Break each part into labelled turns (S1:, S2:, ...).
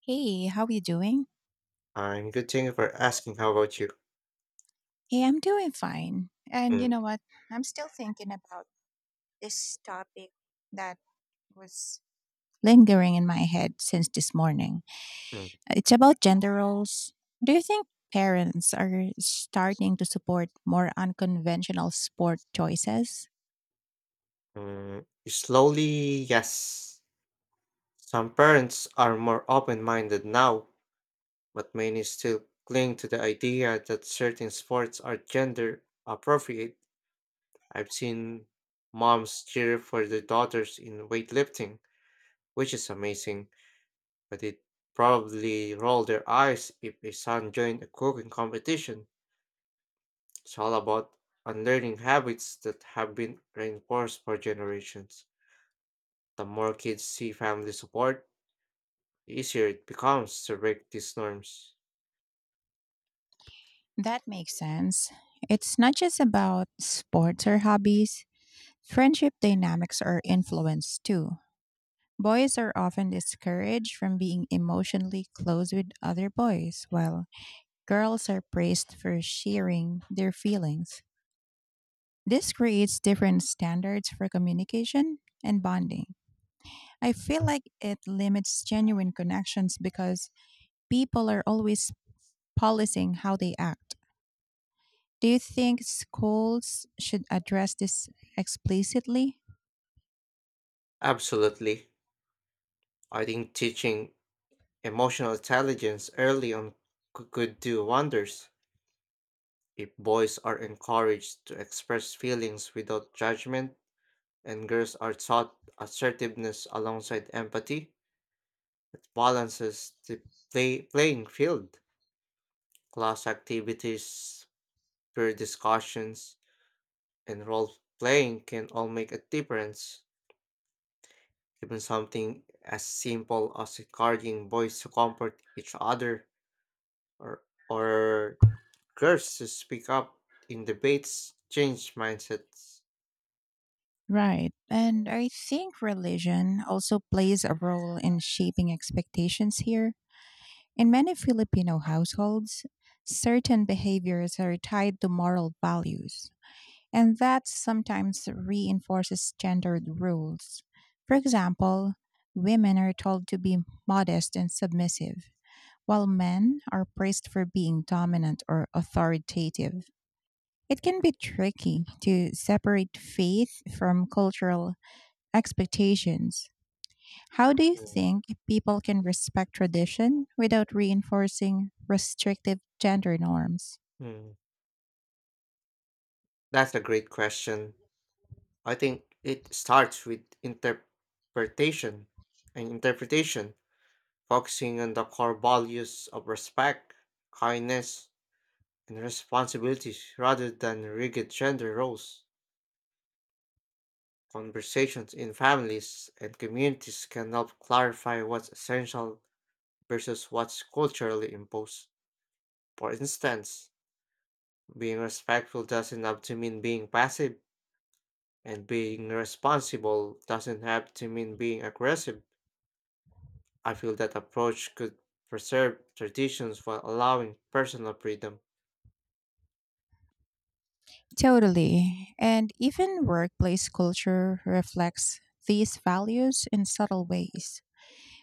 S1: Hey, how are you doing?
S2: I'm good. Thank you for asking. How about you?
S1: Hey, I'm doing fine. And
S2: Mm,
S1: you know what? I'm still thinking about this topic that was lingering in my head since this morning.
S2: mm,
S1: It's about gender roles. Do you think parents are starting to support more unconventional sport choices?
S2: mm. Slowly, yes. Some parents are more open-minded now, but many still cling to the idea that certain sports are gender appropriate. I've seen moms cheer for their daughters in weightlifting, which is amazing, but it probably roll their eyes if a son joined a cooking competition. It's all about unlearning habits that have been reinforced for generations. The more kids see family support, the easier it becomes to break these norms.
S1: That makes sense. It's not just about sports or hobbies. Friendship dynamics are influenced too. Boys are often discouraged from being emotionally close with other boys, while girls are praised for sharing their feelings. This creates different standards for communication and bonding. I feel like it limits genuine connections because people are always policing how they act. Do you think schools should address this explicitly?
S2: Absolutely. I think teaching emotional intelligence early on could do wonders. If boys are encouraged to express feelings without judgment and girls are taught assertiveness alongside empathy, it balances the playing field. Class activities, peer discussions, and role playing can all make a difference. Even something as simple as encouraging boys to comfort each other or, or girls to speak up in debates change mindsets.
S1: Right. And I think religion also plays a role in shaping expectations here. In many Filipino households, certain behaviors are tied to moral values, and that sometimes reinforces gendered rules. For example, women are told to be modest and submissive, while men are praised for being dominant or authoritative. It can be tricky to separate faith from cultural expectations. How do you
S2: Mm.
S1: think people can respect tradition without reinforcing restrictive gender norms?
S2: Mm. That's a great question. I think it starts with interpretation and interpretation, focusing on the core values of respect, kindness, and responsibilities rather than rigid gender roles. Conversations in families and communities can help clarify what's essential versus what's culturally imposed. For instance, being respectful doesn't have to mean being passive, and being responsible doesn't have to mean being aggressive. I feel that approach could preserve traditions while allowing personal freedom.
S1: Totally. And even workplace culture reflects these values in subtle ways.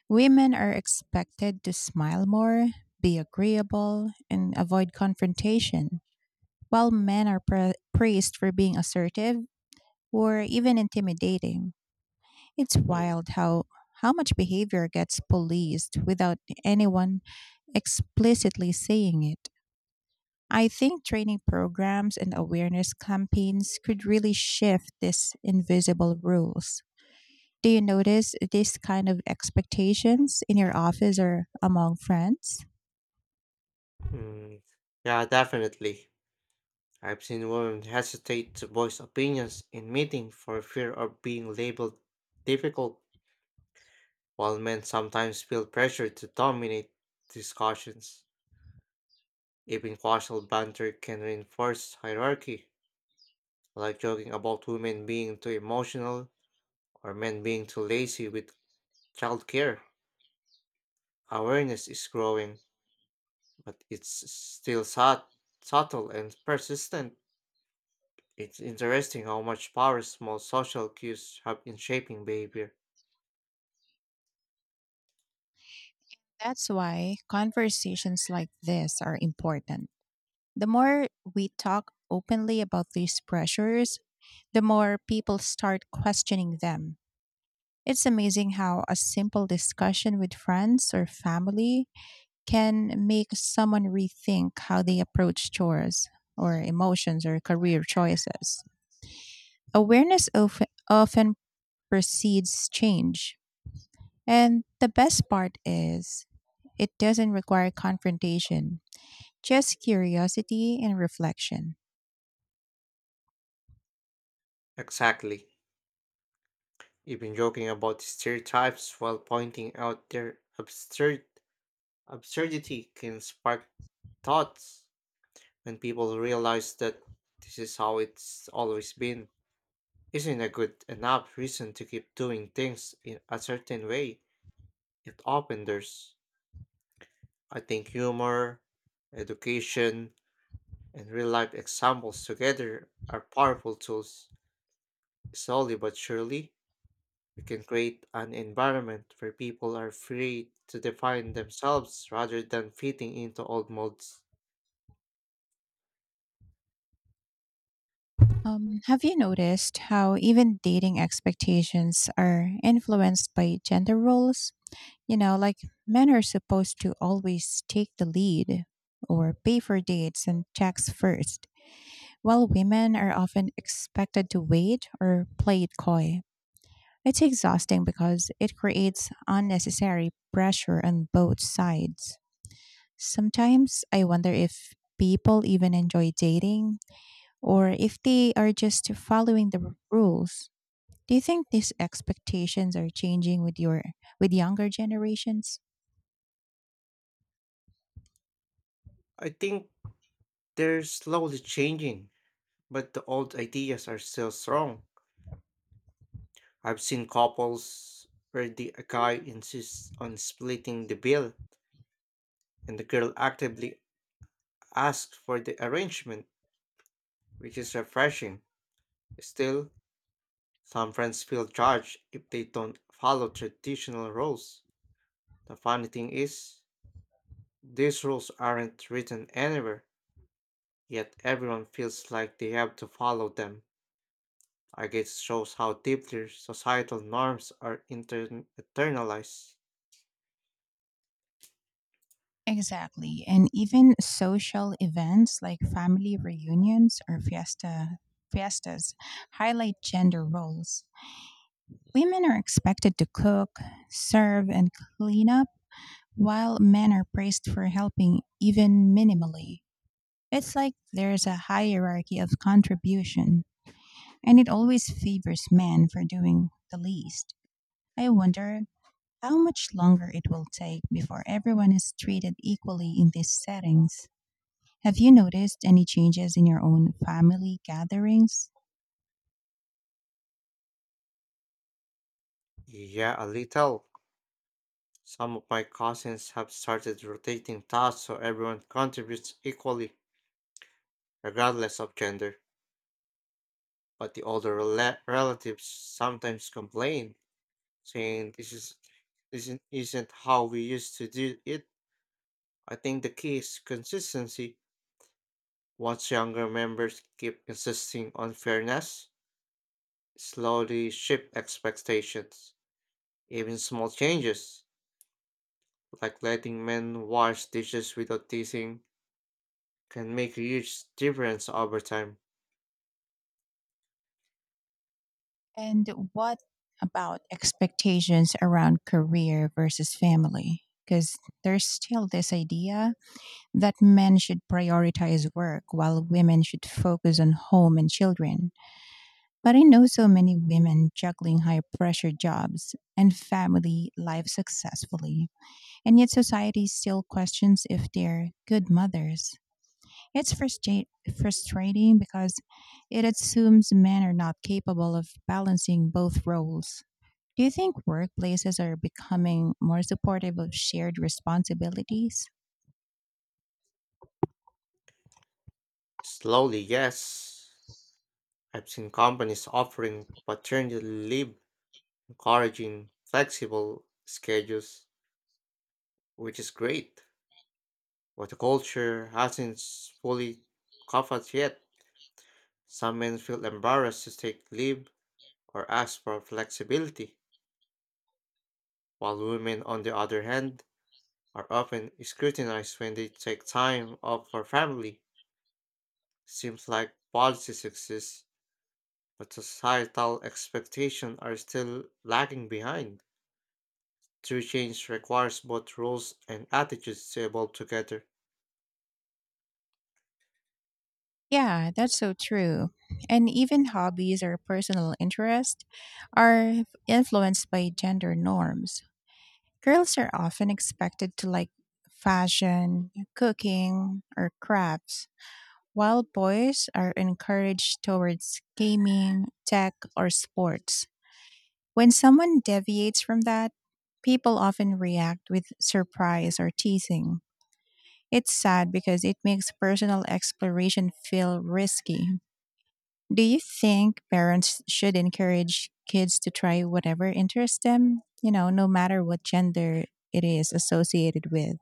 S1: Women are expected to smile more, be agreeable, and avoid confrontation, while men are praised for being assertive or even intimidating. It's
S2: Mm.
S1: wild how much behavior gets policed without anyone explicitly saying it. I think training programs and awareness campaigns could really shift these invisible rules. Do you notice this kind of expectations in your office or among friends?
S2: Mm, Yeah, definitely. I've seen women hesitate to voice opinions in meetings for fear of being labeled difficult. While men sometimes feel pressure to dominate discussions, even casual banter can reinforce hierarchy, like joking about women being too emotional or men being too lazy with childcare. Awareness is growing, but it's subtle and persistent. It's interesting how much power small social cues have in shaping behavior.
S1: That's why conversations like this are important. The more we talk openly about these pressures, the more people start questioning them. It's amazing how a simple discussion with friends or family can make someone rethink how they approach chores or emotions or career choices. Awareness, of, often precedes change. And the best part is, it doesn't require confrontation, just curiosity and reflection.
S2: Exactly. Even joking about stereotypes while pointing out their Absurdity can spark thoughts when people realize that this is how it's always been. Isn't a good enough reason to keep doing things in a certain way? It often there's, I think, humor, education, and real life examples together are powerful tools. Slowly but surely, we can create an environment where people are free to define themselves rather than fitting into old modes.
S1: Have you noticed how even dating expectations are influenced by gender roles? You know, like men are supposed to always take the lead or pay for dates and checks first, while women are often expected to wait or play it coy. It's exhausting because it creates unnecessary pressure on both sides. Sometimes I wonder if people even enjoy dating or if they are just following the rules. Do you think these expectations are changing with your with younger generations?
S2: I think they're slowly changing, but the old ideas are still strong. I've seen couples where the a guy insists on splitting the bill and the girl actively asks for the arrangement, which is refreshing. Still, some friends feel judged if they don't follow traditional rules. The funny thing is, these rules aren't written anywhere, yet everyone feels like they have to follow them. Arcades shows how deeply societal norms are internalized.
S1: Exactly. And even social events like family reunions or fiestas highlight gender roles. Women are expected to cook, serve and clean up, while men are praised for helping even minimally. It's like there's a hierarchy of contribution, and it always favors men for doing the least. I wonder how much longer it will take before everyone is treated equally in these settings. Have you noticed any changes in your own family gatherings?
S2: Yeah, a little. Some of my cousins have started rotating tasks so everyone contributes equally, regardless of gender. But the older relatives sometimes complain, saying this is isn't how we used to do it. I think the key is consistency. Once younger members keep insisting on fairness, slowly shift expectations. Even small changes, like letting men wash dishes without teasing, can make a huge difference over time.
S1: And what about expectations around career versus family? Because there's still this idea that men should prioritize work while women should focus on home and children. But I know so many women juggling high pressure jobs and family life successfully. And yet society still questions if they're good mothers. It's frustrating because it assumes men are not capable of balancing both roles. Do you think workplaces are becoming more supportive of shared responsibilities?
S2: Slowly, yes. I've seen companies offering paternity leave, encouraging flexible schedules, which is great. But the culture hasn't fully covered yet. Some men feel embarrassed to take leave or ask for flexibility, while women, on the other hand, are often scrutinized when they take time off for family. Seems like policies exist, but societal expectations are still lagging behind. True change requires both rules and attitudes to evolve together.
S1: Yeah, that's so true. And even hobbies or personal interests are influenced by gender norms. Girls are often expected to like fashion, cooking, or crafts, while boys are encouraged towards gaming, tech, or sports. When someone deviates from that, people often react with surprise or teasing. It's sad because it makes personal exploration feel risky. Do you think parents should encourage kids to try whatever interests them, no matter what gender it is associated with?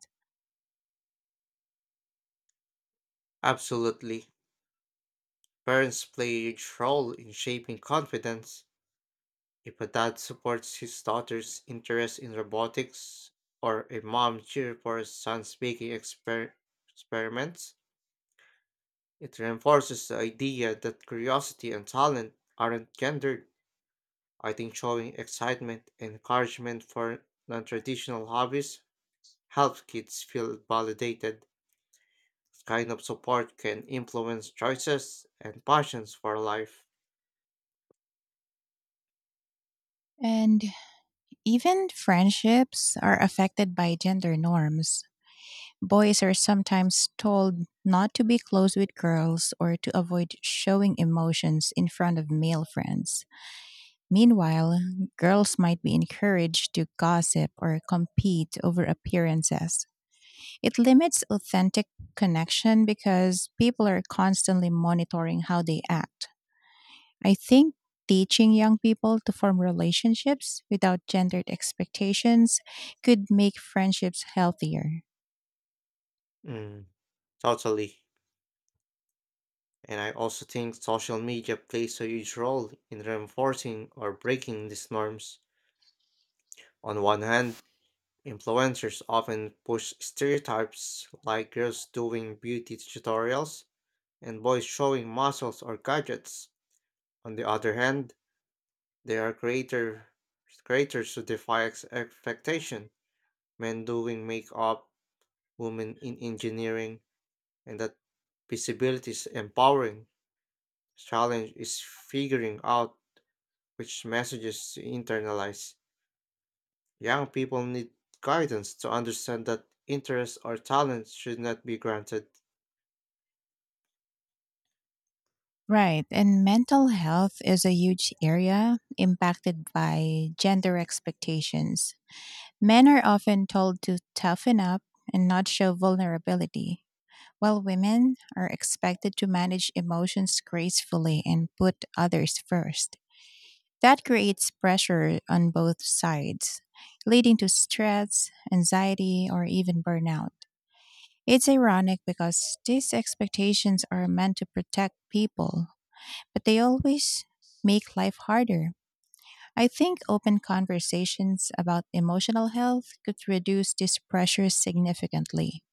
S2: Absolutely. Parents play a huge role in shaping confidence. If a dad supports his daughter's interest in robotics, or a mom cheers for her son's baking experiments, it reinforces the idea that curiosity and talent aren't gendered. I think showing excitement and encouragement for non traditional hobbies helps kids feel validated. This kind of support can influence choices and passions for life.
S1: And even friendships are affected by gender norms. Boys are sometimes told not to be close with girls or to avoid showing emotions in front of male friends. Meanwhile, girls might be encouraged to gossip or compete over appearances. It limits authentic connection because people are constantly monitoring how they act. I think teaching young people to form relationships without gendered expectations could make friendships healthier.
S2: Mm, totally. And I also think social media plays a huge role in reinforcing or breaking these norms. On one hand, influencers often push stereotypes like girls doing beauty tutorials and boys showing muscles or gadgets. On the other hand, there are creators who defy expectation, men doing makeup, women in engineering, and that visibility is empowering. Challenge is figuring out which messages to internalize. Young people need guidance to understand that interests or talents should not be granted.
S1: Right. And mental health is a huge area impacted by gender expectations. Men are often told to toughen up and not show vulnerability, while women are expected to manage emotions gracefully and put others first. That creates pressure on both sides, leading to stress, anxiety, or even burnout. It's ironic because these expectations are meant to protect people, but they always make life harder. I think open conversations about emotional health could reduce this pressure significantly.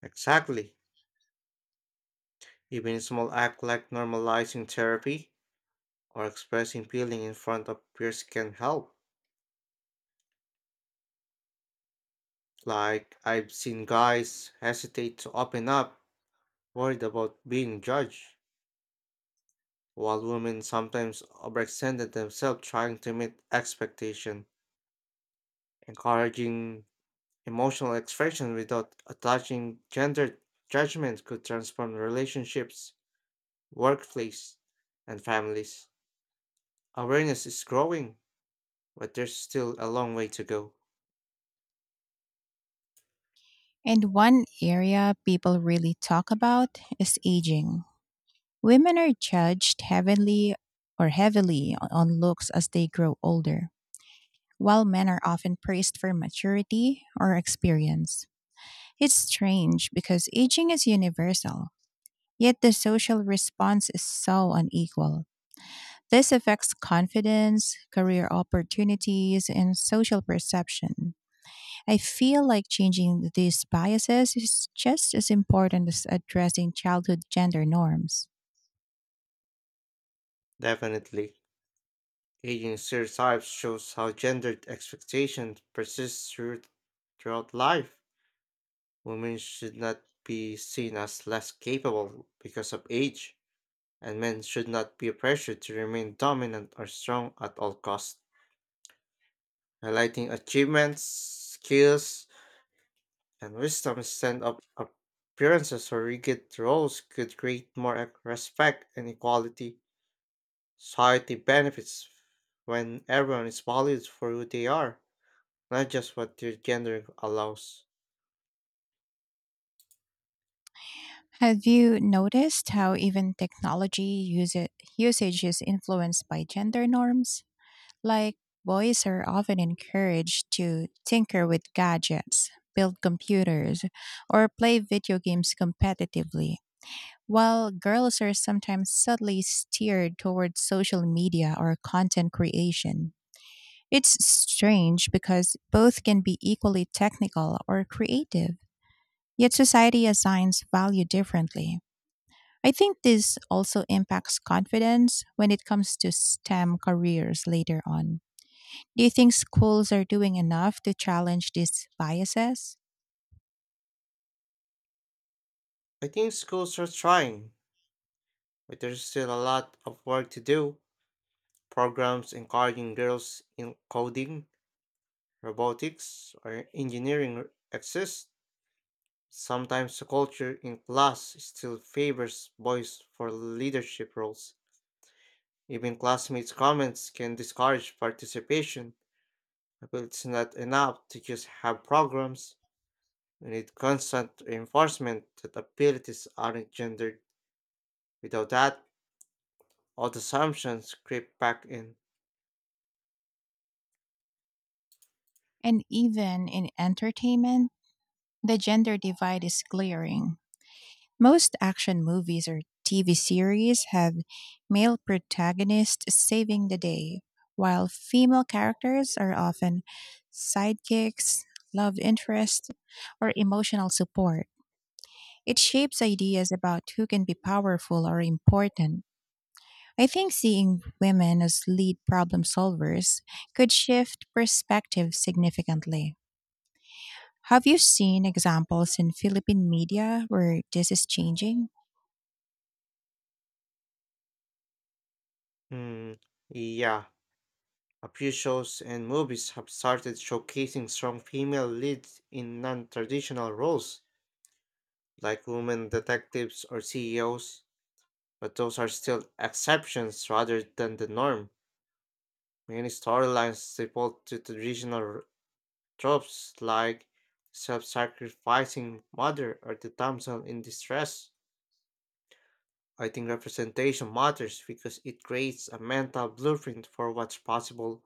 S2: Exactly. Even a small act like normalizing therapy or expressing feeling in front of peers can help. Like I've seen guys hesitate to open up, worried about being judged, while women sometimes overextended themselves trying to meet expectation, encouraging emotional expression without attaching gender judgment could transform relationships, workplace, and families. Awareness is growing, but there's still a long way to go.
S1: And one area people really talk about is aging. Women are judged heavily, or heavily on looks as they grow older, while men are often praised for maturity or experience. It's strange because aging is universal, yet the social response is so unequal. This affects confidence, career opportunities, and social perception. I feel like changing these biases is just as important as addressing childhood gender norms.
S2: Definitely. Aging stereotypes shows how gendered expectations persist throughout life. Women should not be seen as less capable because of age, and men should not be pressured to remain dominant or strong at all costs. Highlighting achievements, skills, and wisdom instead of appearances or rigid roles could create more respect and equality. Society benefits when everyone is valued for who they are, not just what their gender allows.
S1: Have you noticed how even technology use usage is influenced by gender norms? Like, boys are often encouraged to tinker with gadgets, build computers, or play video games competitively, while girls are sometimes subtly steered towards social media or content creation. It's strange because both can be equally technical or creative, yet society assigns value differently. I think this also impacts confidence when it comes to STEM careers later on. Do you think schools are doing enough to challenge these biases?
S2: I think schools are trying, but there's still a lot of work to do. Programs encouraging girls in coding, robotics, or engineering exist. Sometimes the culture in class still favors boys for leadership roles. Even classmates' comments can discourage participation. I feel it's not enough to just have programs. We need constant reinforcement that abilities aren't gendered. Without that, old assumptions creep back in.
S1: And even in entertainment, the gender divide is glaring. Most action movies or TV series have male protagonists saving the day, while female characters are often sidekicks, love interest, or emotional support. It shapes ideas about who can be powerful or important. I think seeing women as lead problem solvers could shift perspective significantly. Have you seen examples in Philippine media where this is changing?
S2: Hmm, yeah. A few shows and movies have started showcasing strong female leads in non traditional roles, like women detectives or CEOs, but those are still exceptions rather than the norm. Many storylines default to traditional tropes like self sacrificing mother or the damsel in distress. I think representation matters because it creates a mental blueprint for what's possible.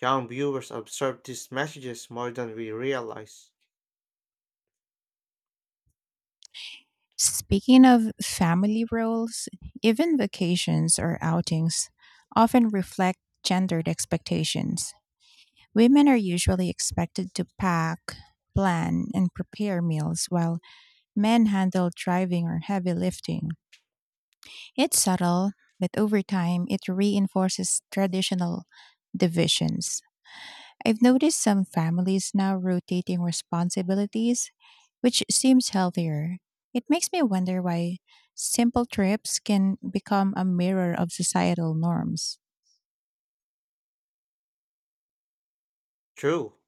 S2: Young viewers absorb these messages more than we realize.
S1: Speaking of family roles, even vacations or outings often reflect gendered expectations. Women are usually expected to pack, plan, and prepare meals, while men handle driving or heavy lifting. It's subtle, but over time it reinforces traditional divisions. I've noticed some families now rotating responsibilities, which seems healthier. It makes me wonder why simple trips can become a mirror of societal norms.
S2: True.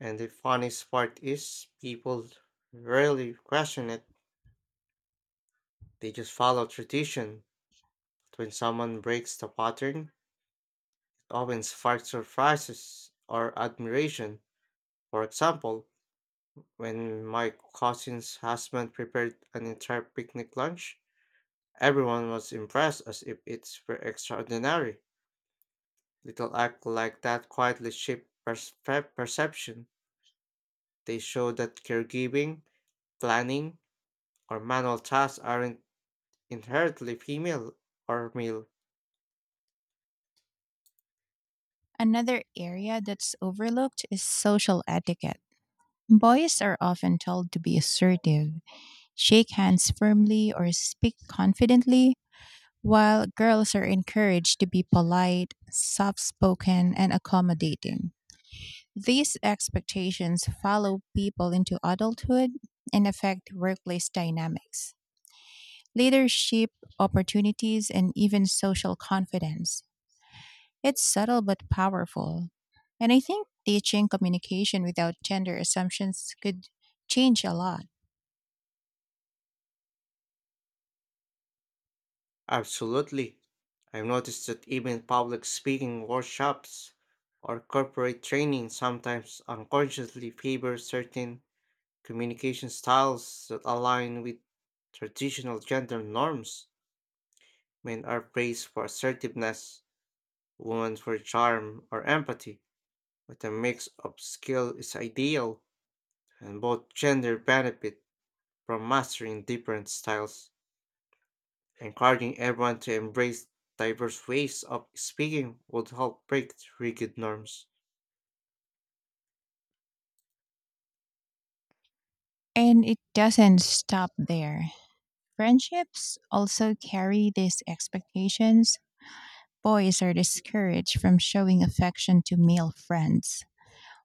S2: And the funniest part is people rarely question it. They just follow tradition. But when someone breaks the pattern, it often sparks surprises or admiration. For example, when my cousin's husband prepared an entire picnic lunch, everyone was impressed as if it were extraordinary. Little act like that quietly shaped perception. They show that caregiving, planning, or manual tasks aren't inherently female or male.
S1: Another area that's overlooked is social etiquette. Boys are often told to be assertive, shake hands firmly, or speak confidently, while girls are encouraged to be polite, soft spoken, and accommodating. These expectations follow people into adulthood and affect workplace dynamics, leadership opportunities, and even social confidence. It's subtle but powerful. And I think teaching communication without gender assumptions could change a lot.
S2: Absolutely. I've noticed that even public speaking workshops or corporate training sometimes unconsciously favor certain communication styles that align with traditional gender norms. Men are praised for assertiveness, women for charm or empathy, but a mix of skill is ideal and both gender benefit from mastering different styles. Encouraging everyone to embrace diverse ways of speaking would help break rigid norms.
S1: And it doesn't stop there. Friendships also carry these expectations. Boys are discouraged from showing affection to male friends,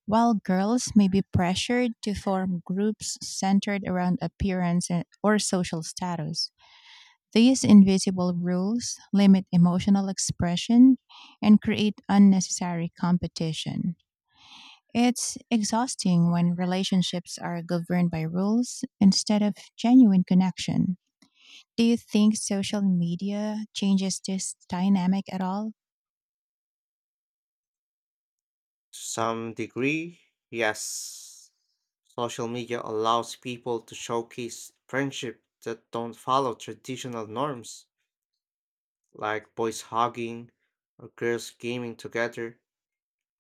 S1: while girls may be pressured to form groups centered around appearance or social status. These invisible rules limit emotional expression and create unnecessary competition. It's exhausting when relationships are governed by rules instead of genuine connection. Do you think social media changes this dynamic at all?
S2: To some degree, yes, social media allows people to showcase friendship that don't follow traditional norms, like boys hugging or girls gaming together,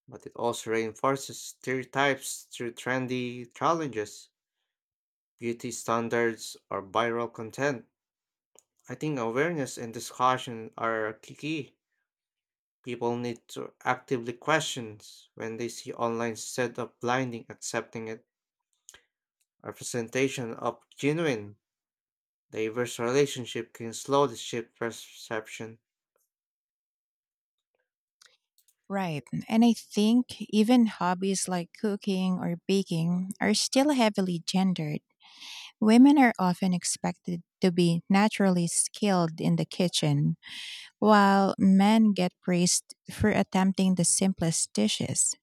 S2: but it also reinforces stereotypes through trendy challenges, beauty standards, or viral content. I think awareness and discussion are key. People need to actively question when they see online instead of blinding accepting it. Representation of genuine, diverse relationship can slowly shift perception.
S1: Right. And I think even hobbies like cooking or baking are still heavily gendered. Women are often expected to be naturally skilled in the kitchen, while men get praised for attempting the simplest dishes.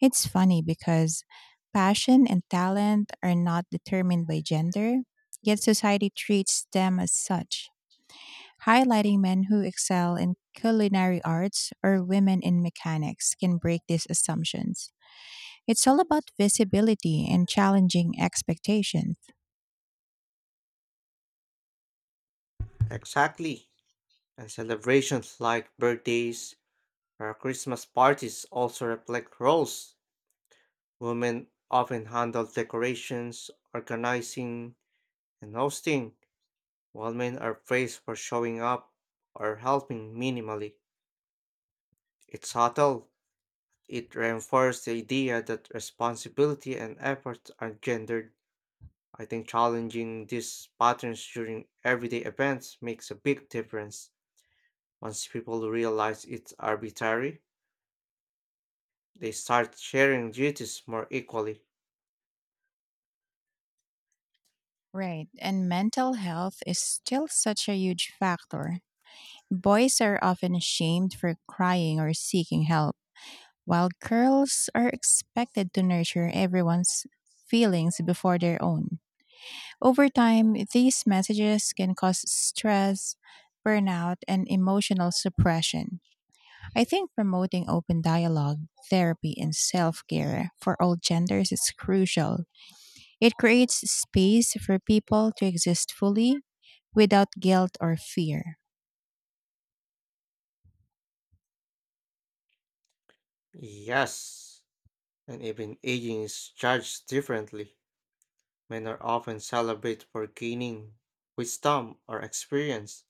S1: It's funny because passion and talent are not determined by gender, yet society treats them as such. Highlighting men who excel in culinary arts or women in mechanics can break these assumptions. It's all about visibility and challenging expectations.
S2: Exactly. And celebrations like birthdays or Christmas parties also reflect roles. Women often handle decorations, organizing, and hosting. While men are praised for showing up or helping minimally, it's subtle. It reinforces the idea that responsibility and effort are gendered. I think challenging these patterns during everyday events makes a big difference. Once people realize it's arbitrary, they start sharing duties more equally.
S1: Right, and mental health is still such a huge factor. Boys are often ashamed for crying or seeking help, while girls are expected to nurture everyone's feelings before their own. Over time, these messages can cause stress, burnout, and emotional suppression. I think promoting open dialogue, therapy, and self care for all genders is crucial. It creates space for people to exist fully without guilt or fear.
S2: Yes, and even aging is judged differently. Men are often celebrated for gaining wisdom or experience.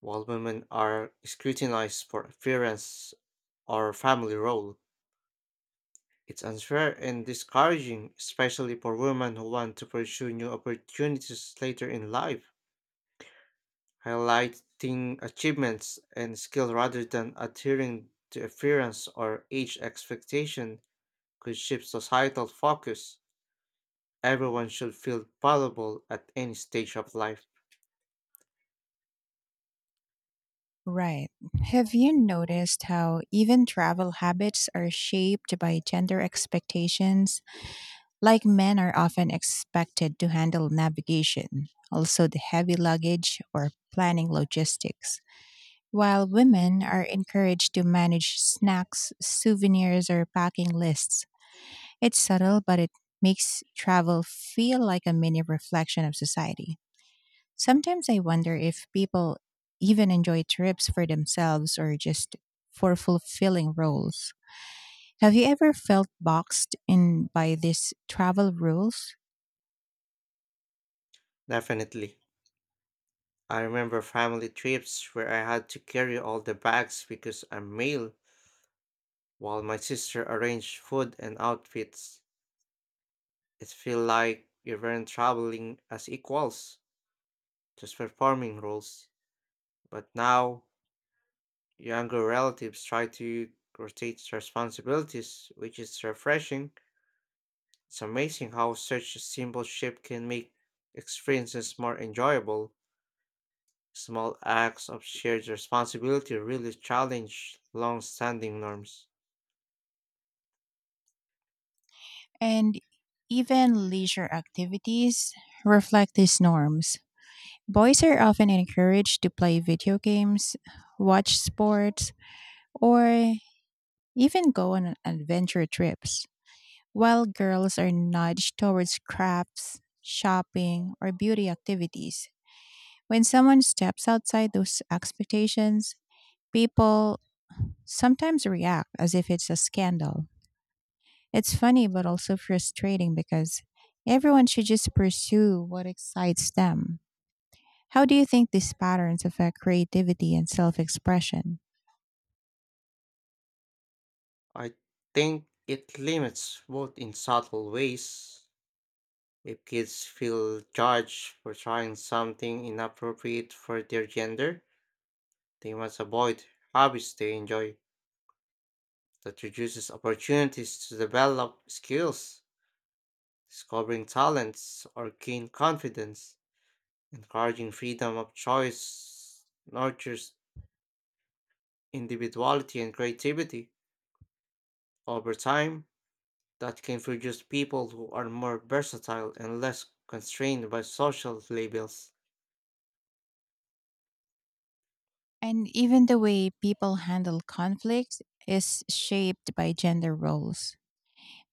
S2: While women are scrutinized for appearance or family role, it's unfair and discouraging, especially for women who want to pursue new opportunities later in life. Highlighting achievements and skill rather than adhering to appearance or age expectation could shift societal focus. Everyone should feel valuable at any stage of life.
S1: Right. Have you noticed how even travel habits are shaped by gender expectations? Like, men are often expected to handle navigation, also the heavy luggage or planning logistics, while women are encouraged to manage snacks, souvenirs, or packing lists. It's subtle, but it makes travel feel like a mini reflection of society. Sometimes I wonder if people even enjoy trips for themselves or just for fulfilling roles. Have you ever felt boxed in by these travel rules?
S2: Definitely. I remember family trips where I had to carry all the bags because I'm male. While my sister arranged food and outfits, it felt like we weren't traveling as equals, just performing roles. But now, younger relatives try to rotate responsibilities, which is refreshing. It's amazing how such a simple shift can make experiences more enjoyable. Small acts of shared responsibility really challenge long standing norms.
S1: And even leisure activities reflect these norms. Boys are often encouraged to play video games, watch sports, or even go on adventure trips, while girls are nudged towards crafts, shopping, or beauty activities. When someone steps outside those expectations, people sometimes react as if it's a scandal. It's funny, but also frustrating because everyone should just pursue what excites them. How do you think these patterns affect creativity and self expression?
S2: I think it limits both in subtle ways. If kids feel judged for trying something inappropriate for their gender, they must avoid hobbies they enjoy. That reduces opportunities to develop skills, discovering talents, or gain confidence. Encouraging freedom of choice nurtures individuality and creativity. Over time, that can produce people who are more versatile and less constrained by social labels.
S1: And even the way people handle conflicts is shaped by gender roles.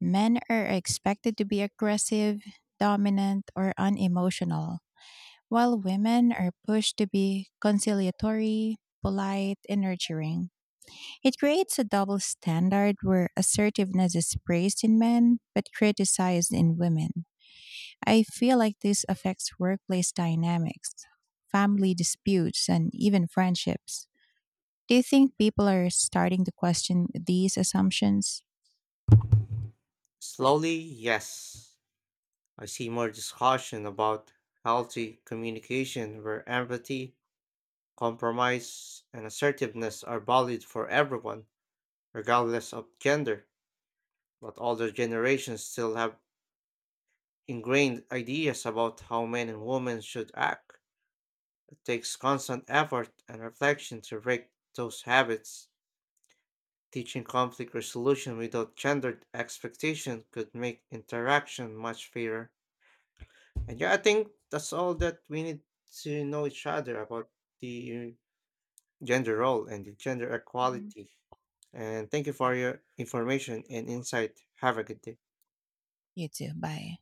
S1: Men are expected to be aggressive, dominant, or unemotional, while women are pushed to be conciliatory, polite, and nurturing. It creates a double standard where assertiveness is praised in men but criticized in women. I feel like this affects workplace dynamics, family disputes, and even friendships. Do you think people are starting to question these assumptions?
S2: Slowly, yes. I see more discussion about healthy communication where empathy, compromise, and assertiveness are valued for everyone, regardless of gender. But older generations still have ingrained ideas about how men and women should act. It takes constant effort and reflection to break those habits. Teaching conflict resolution without gendered expectation could make interaction much fairer. And yeah, I think that's all that we need to know each other about the gender role and the gender
S1: Mhm.
S2: equality. And thank you for
S1: Right.
S2: your information and insight. Have a good day.
S1: You too. Bye.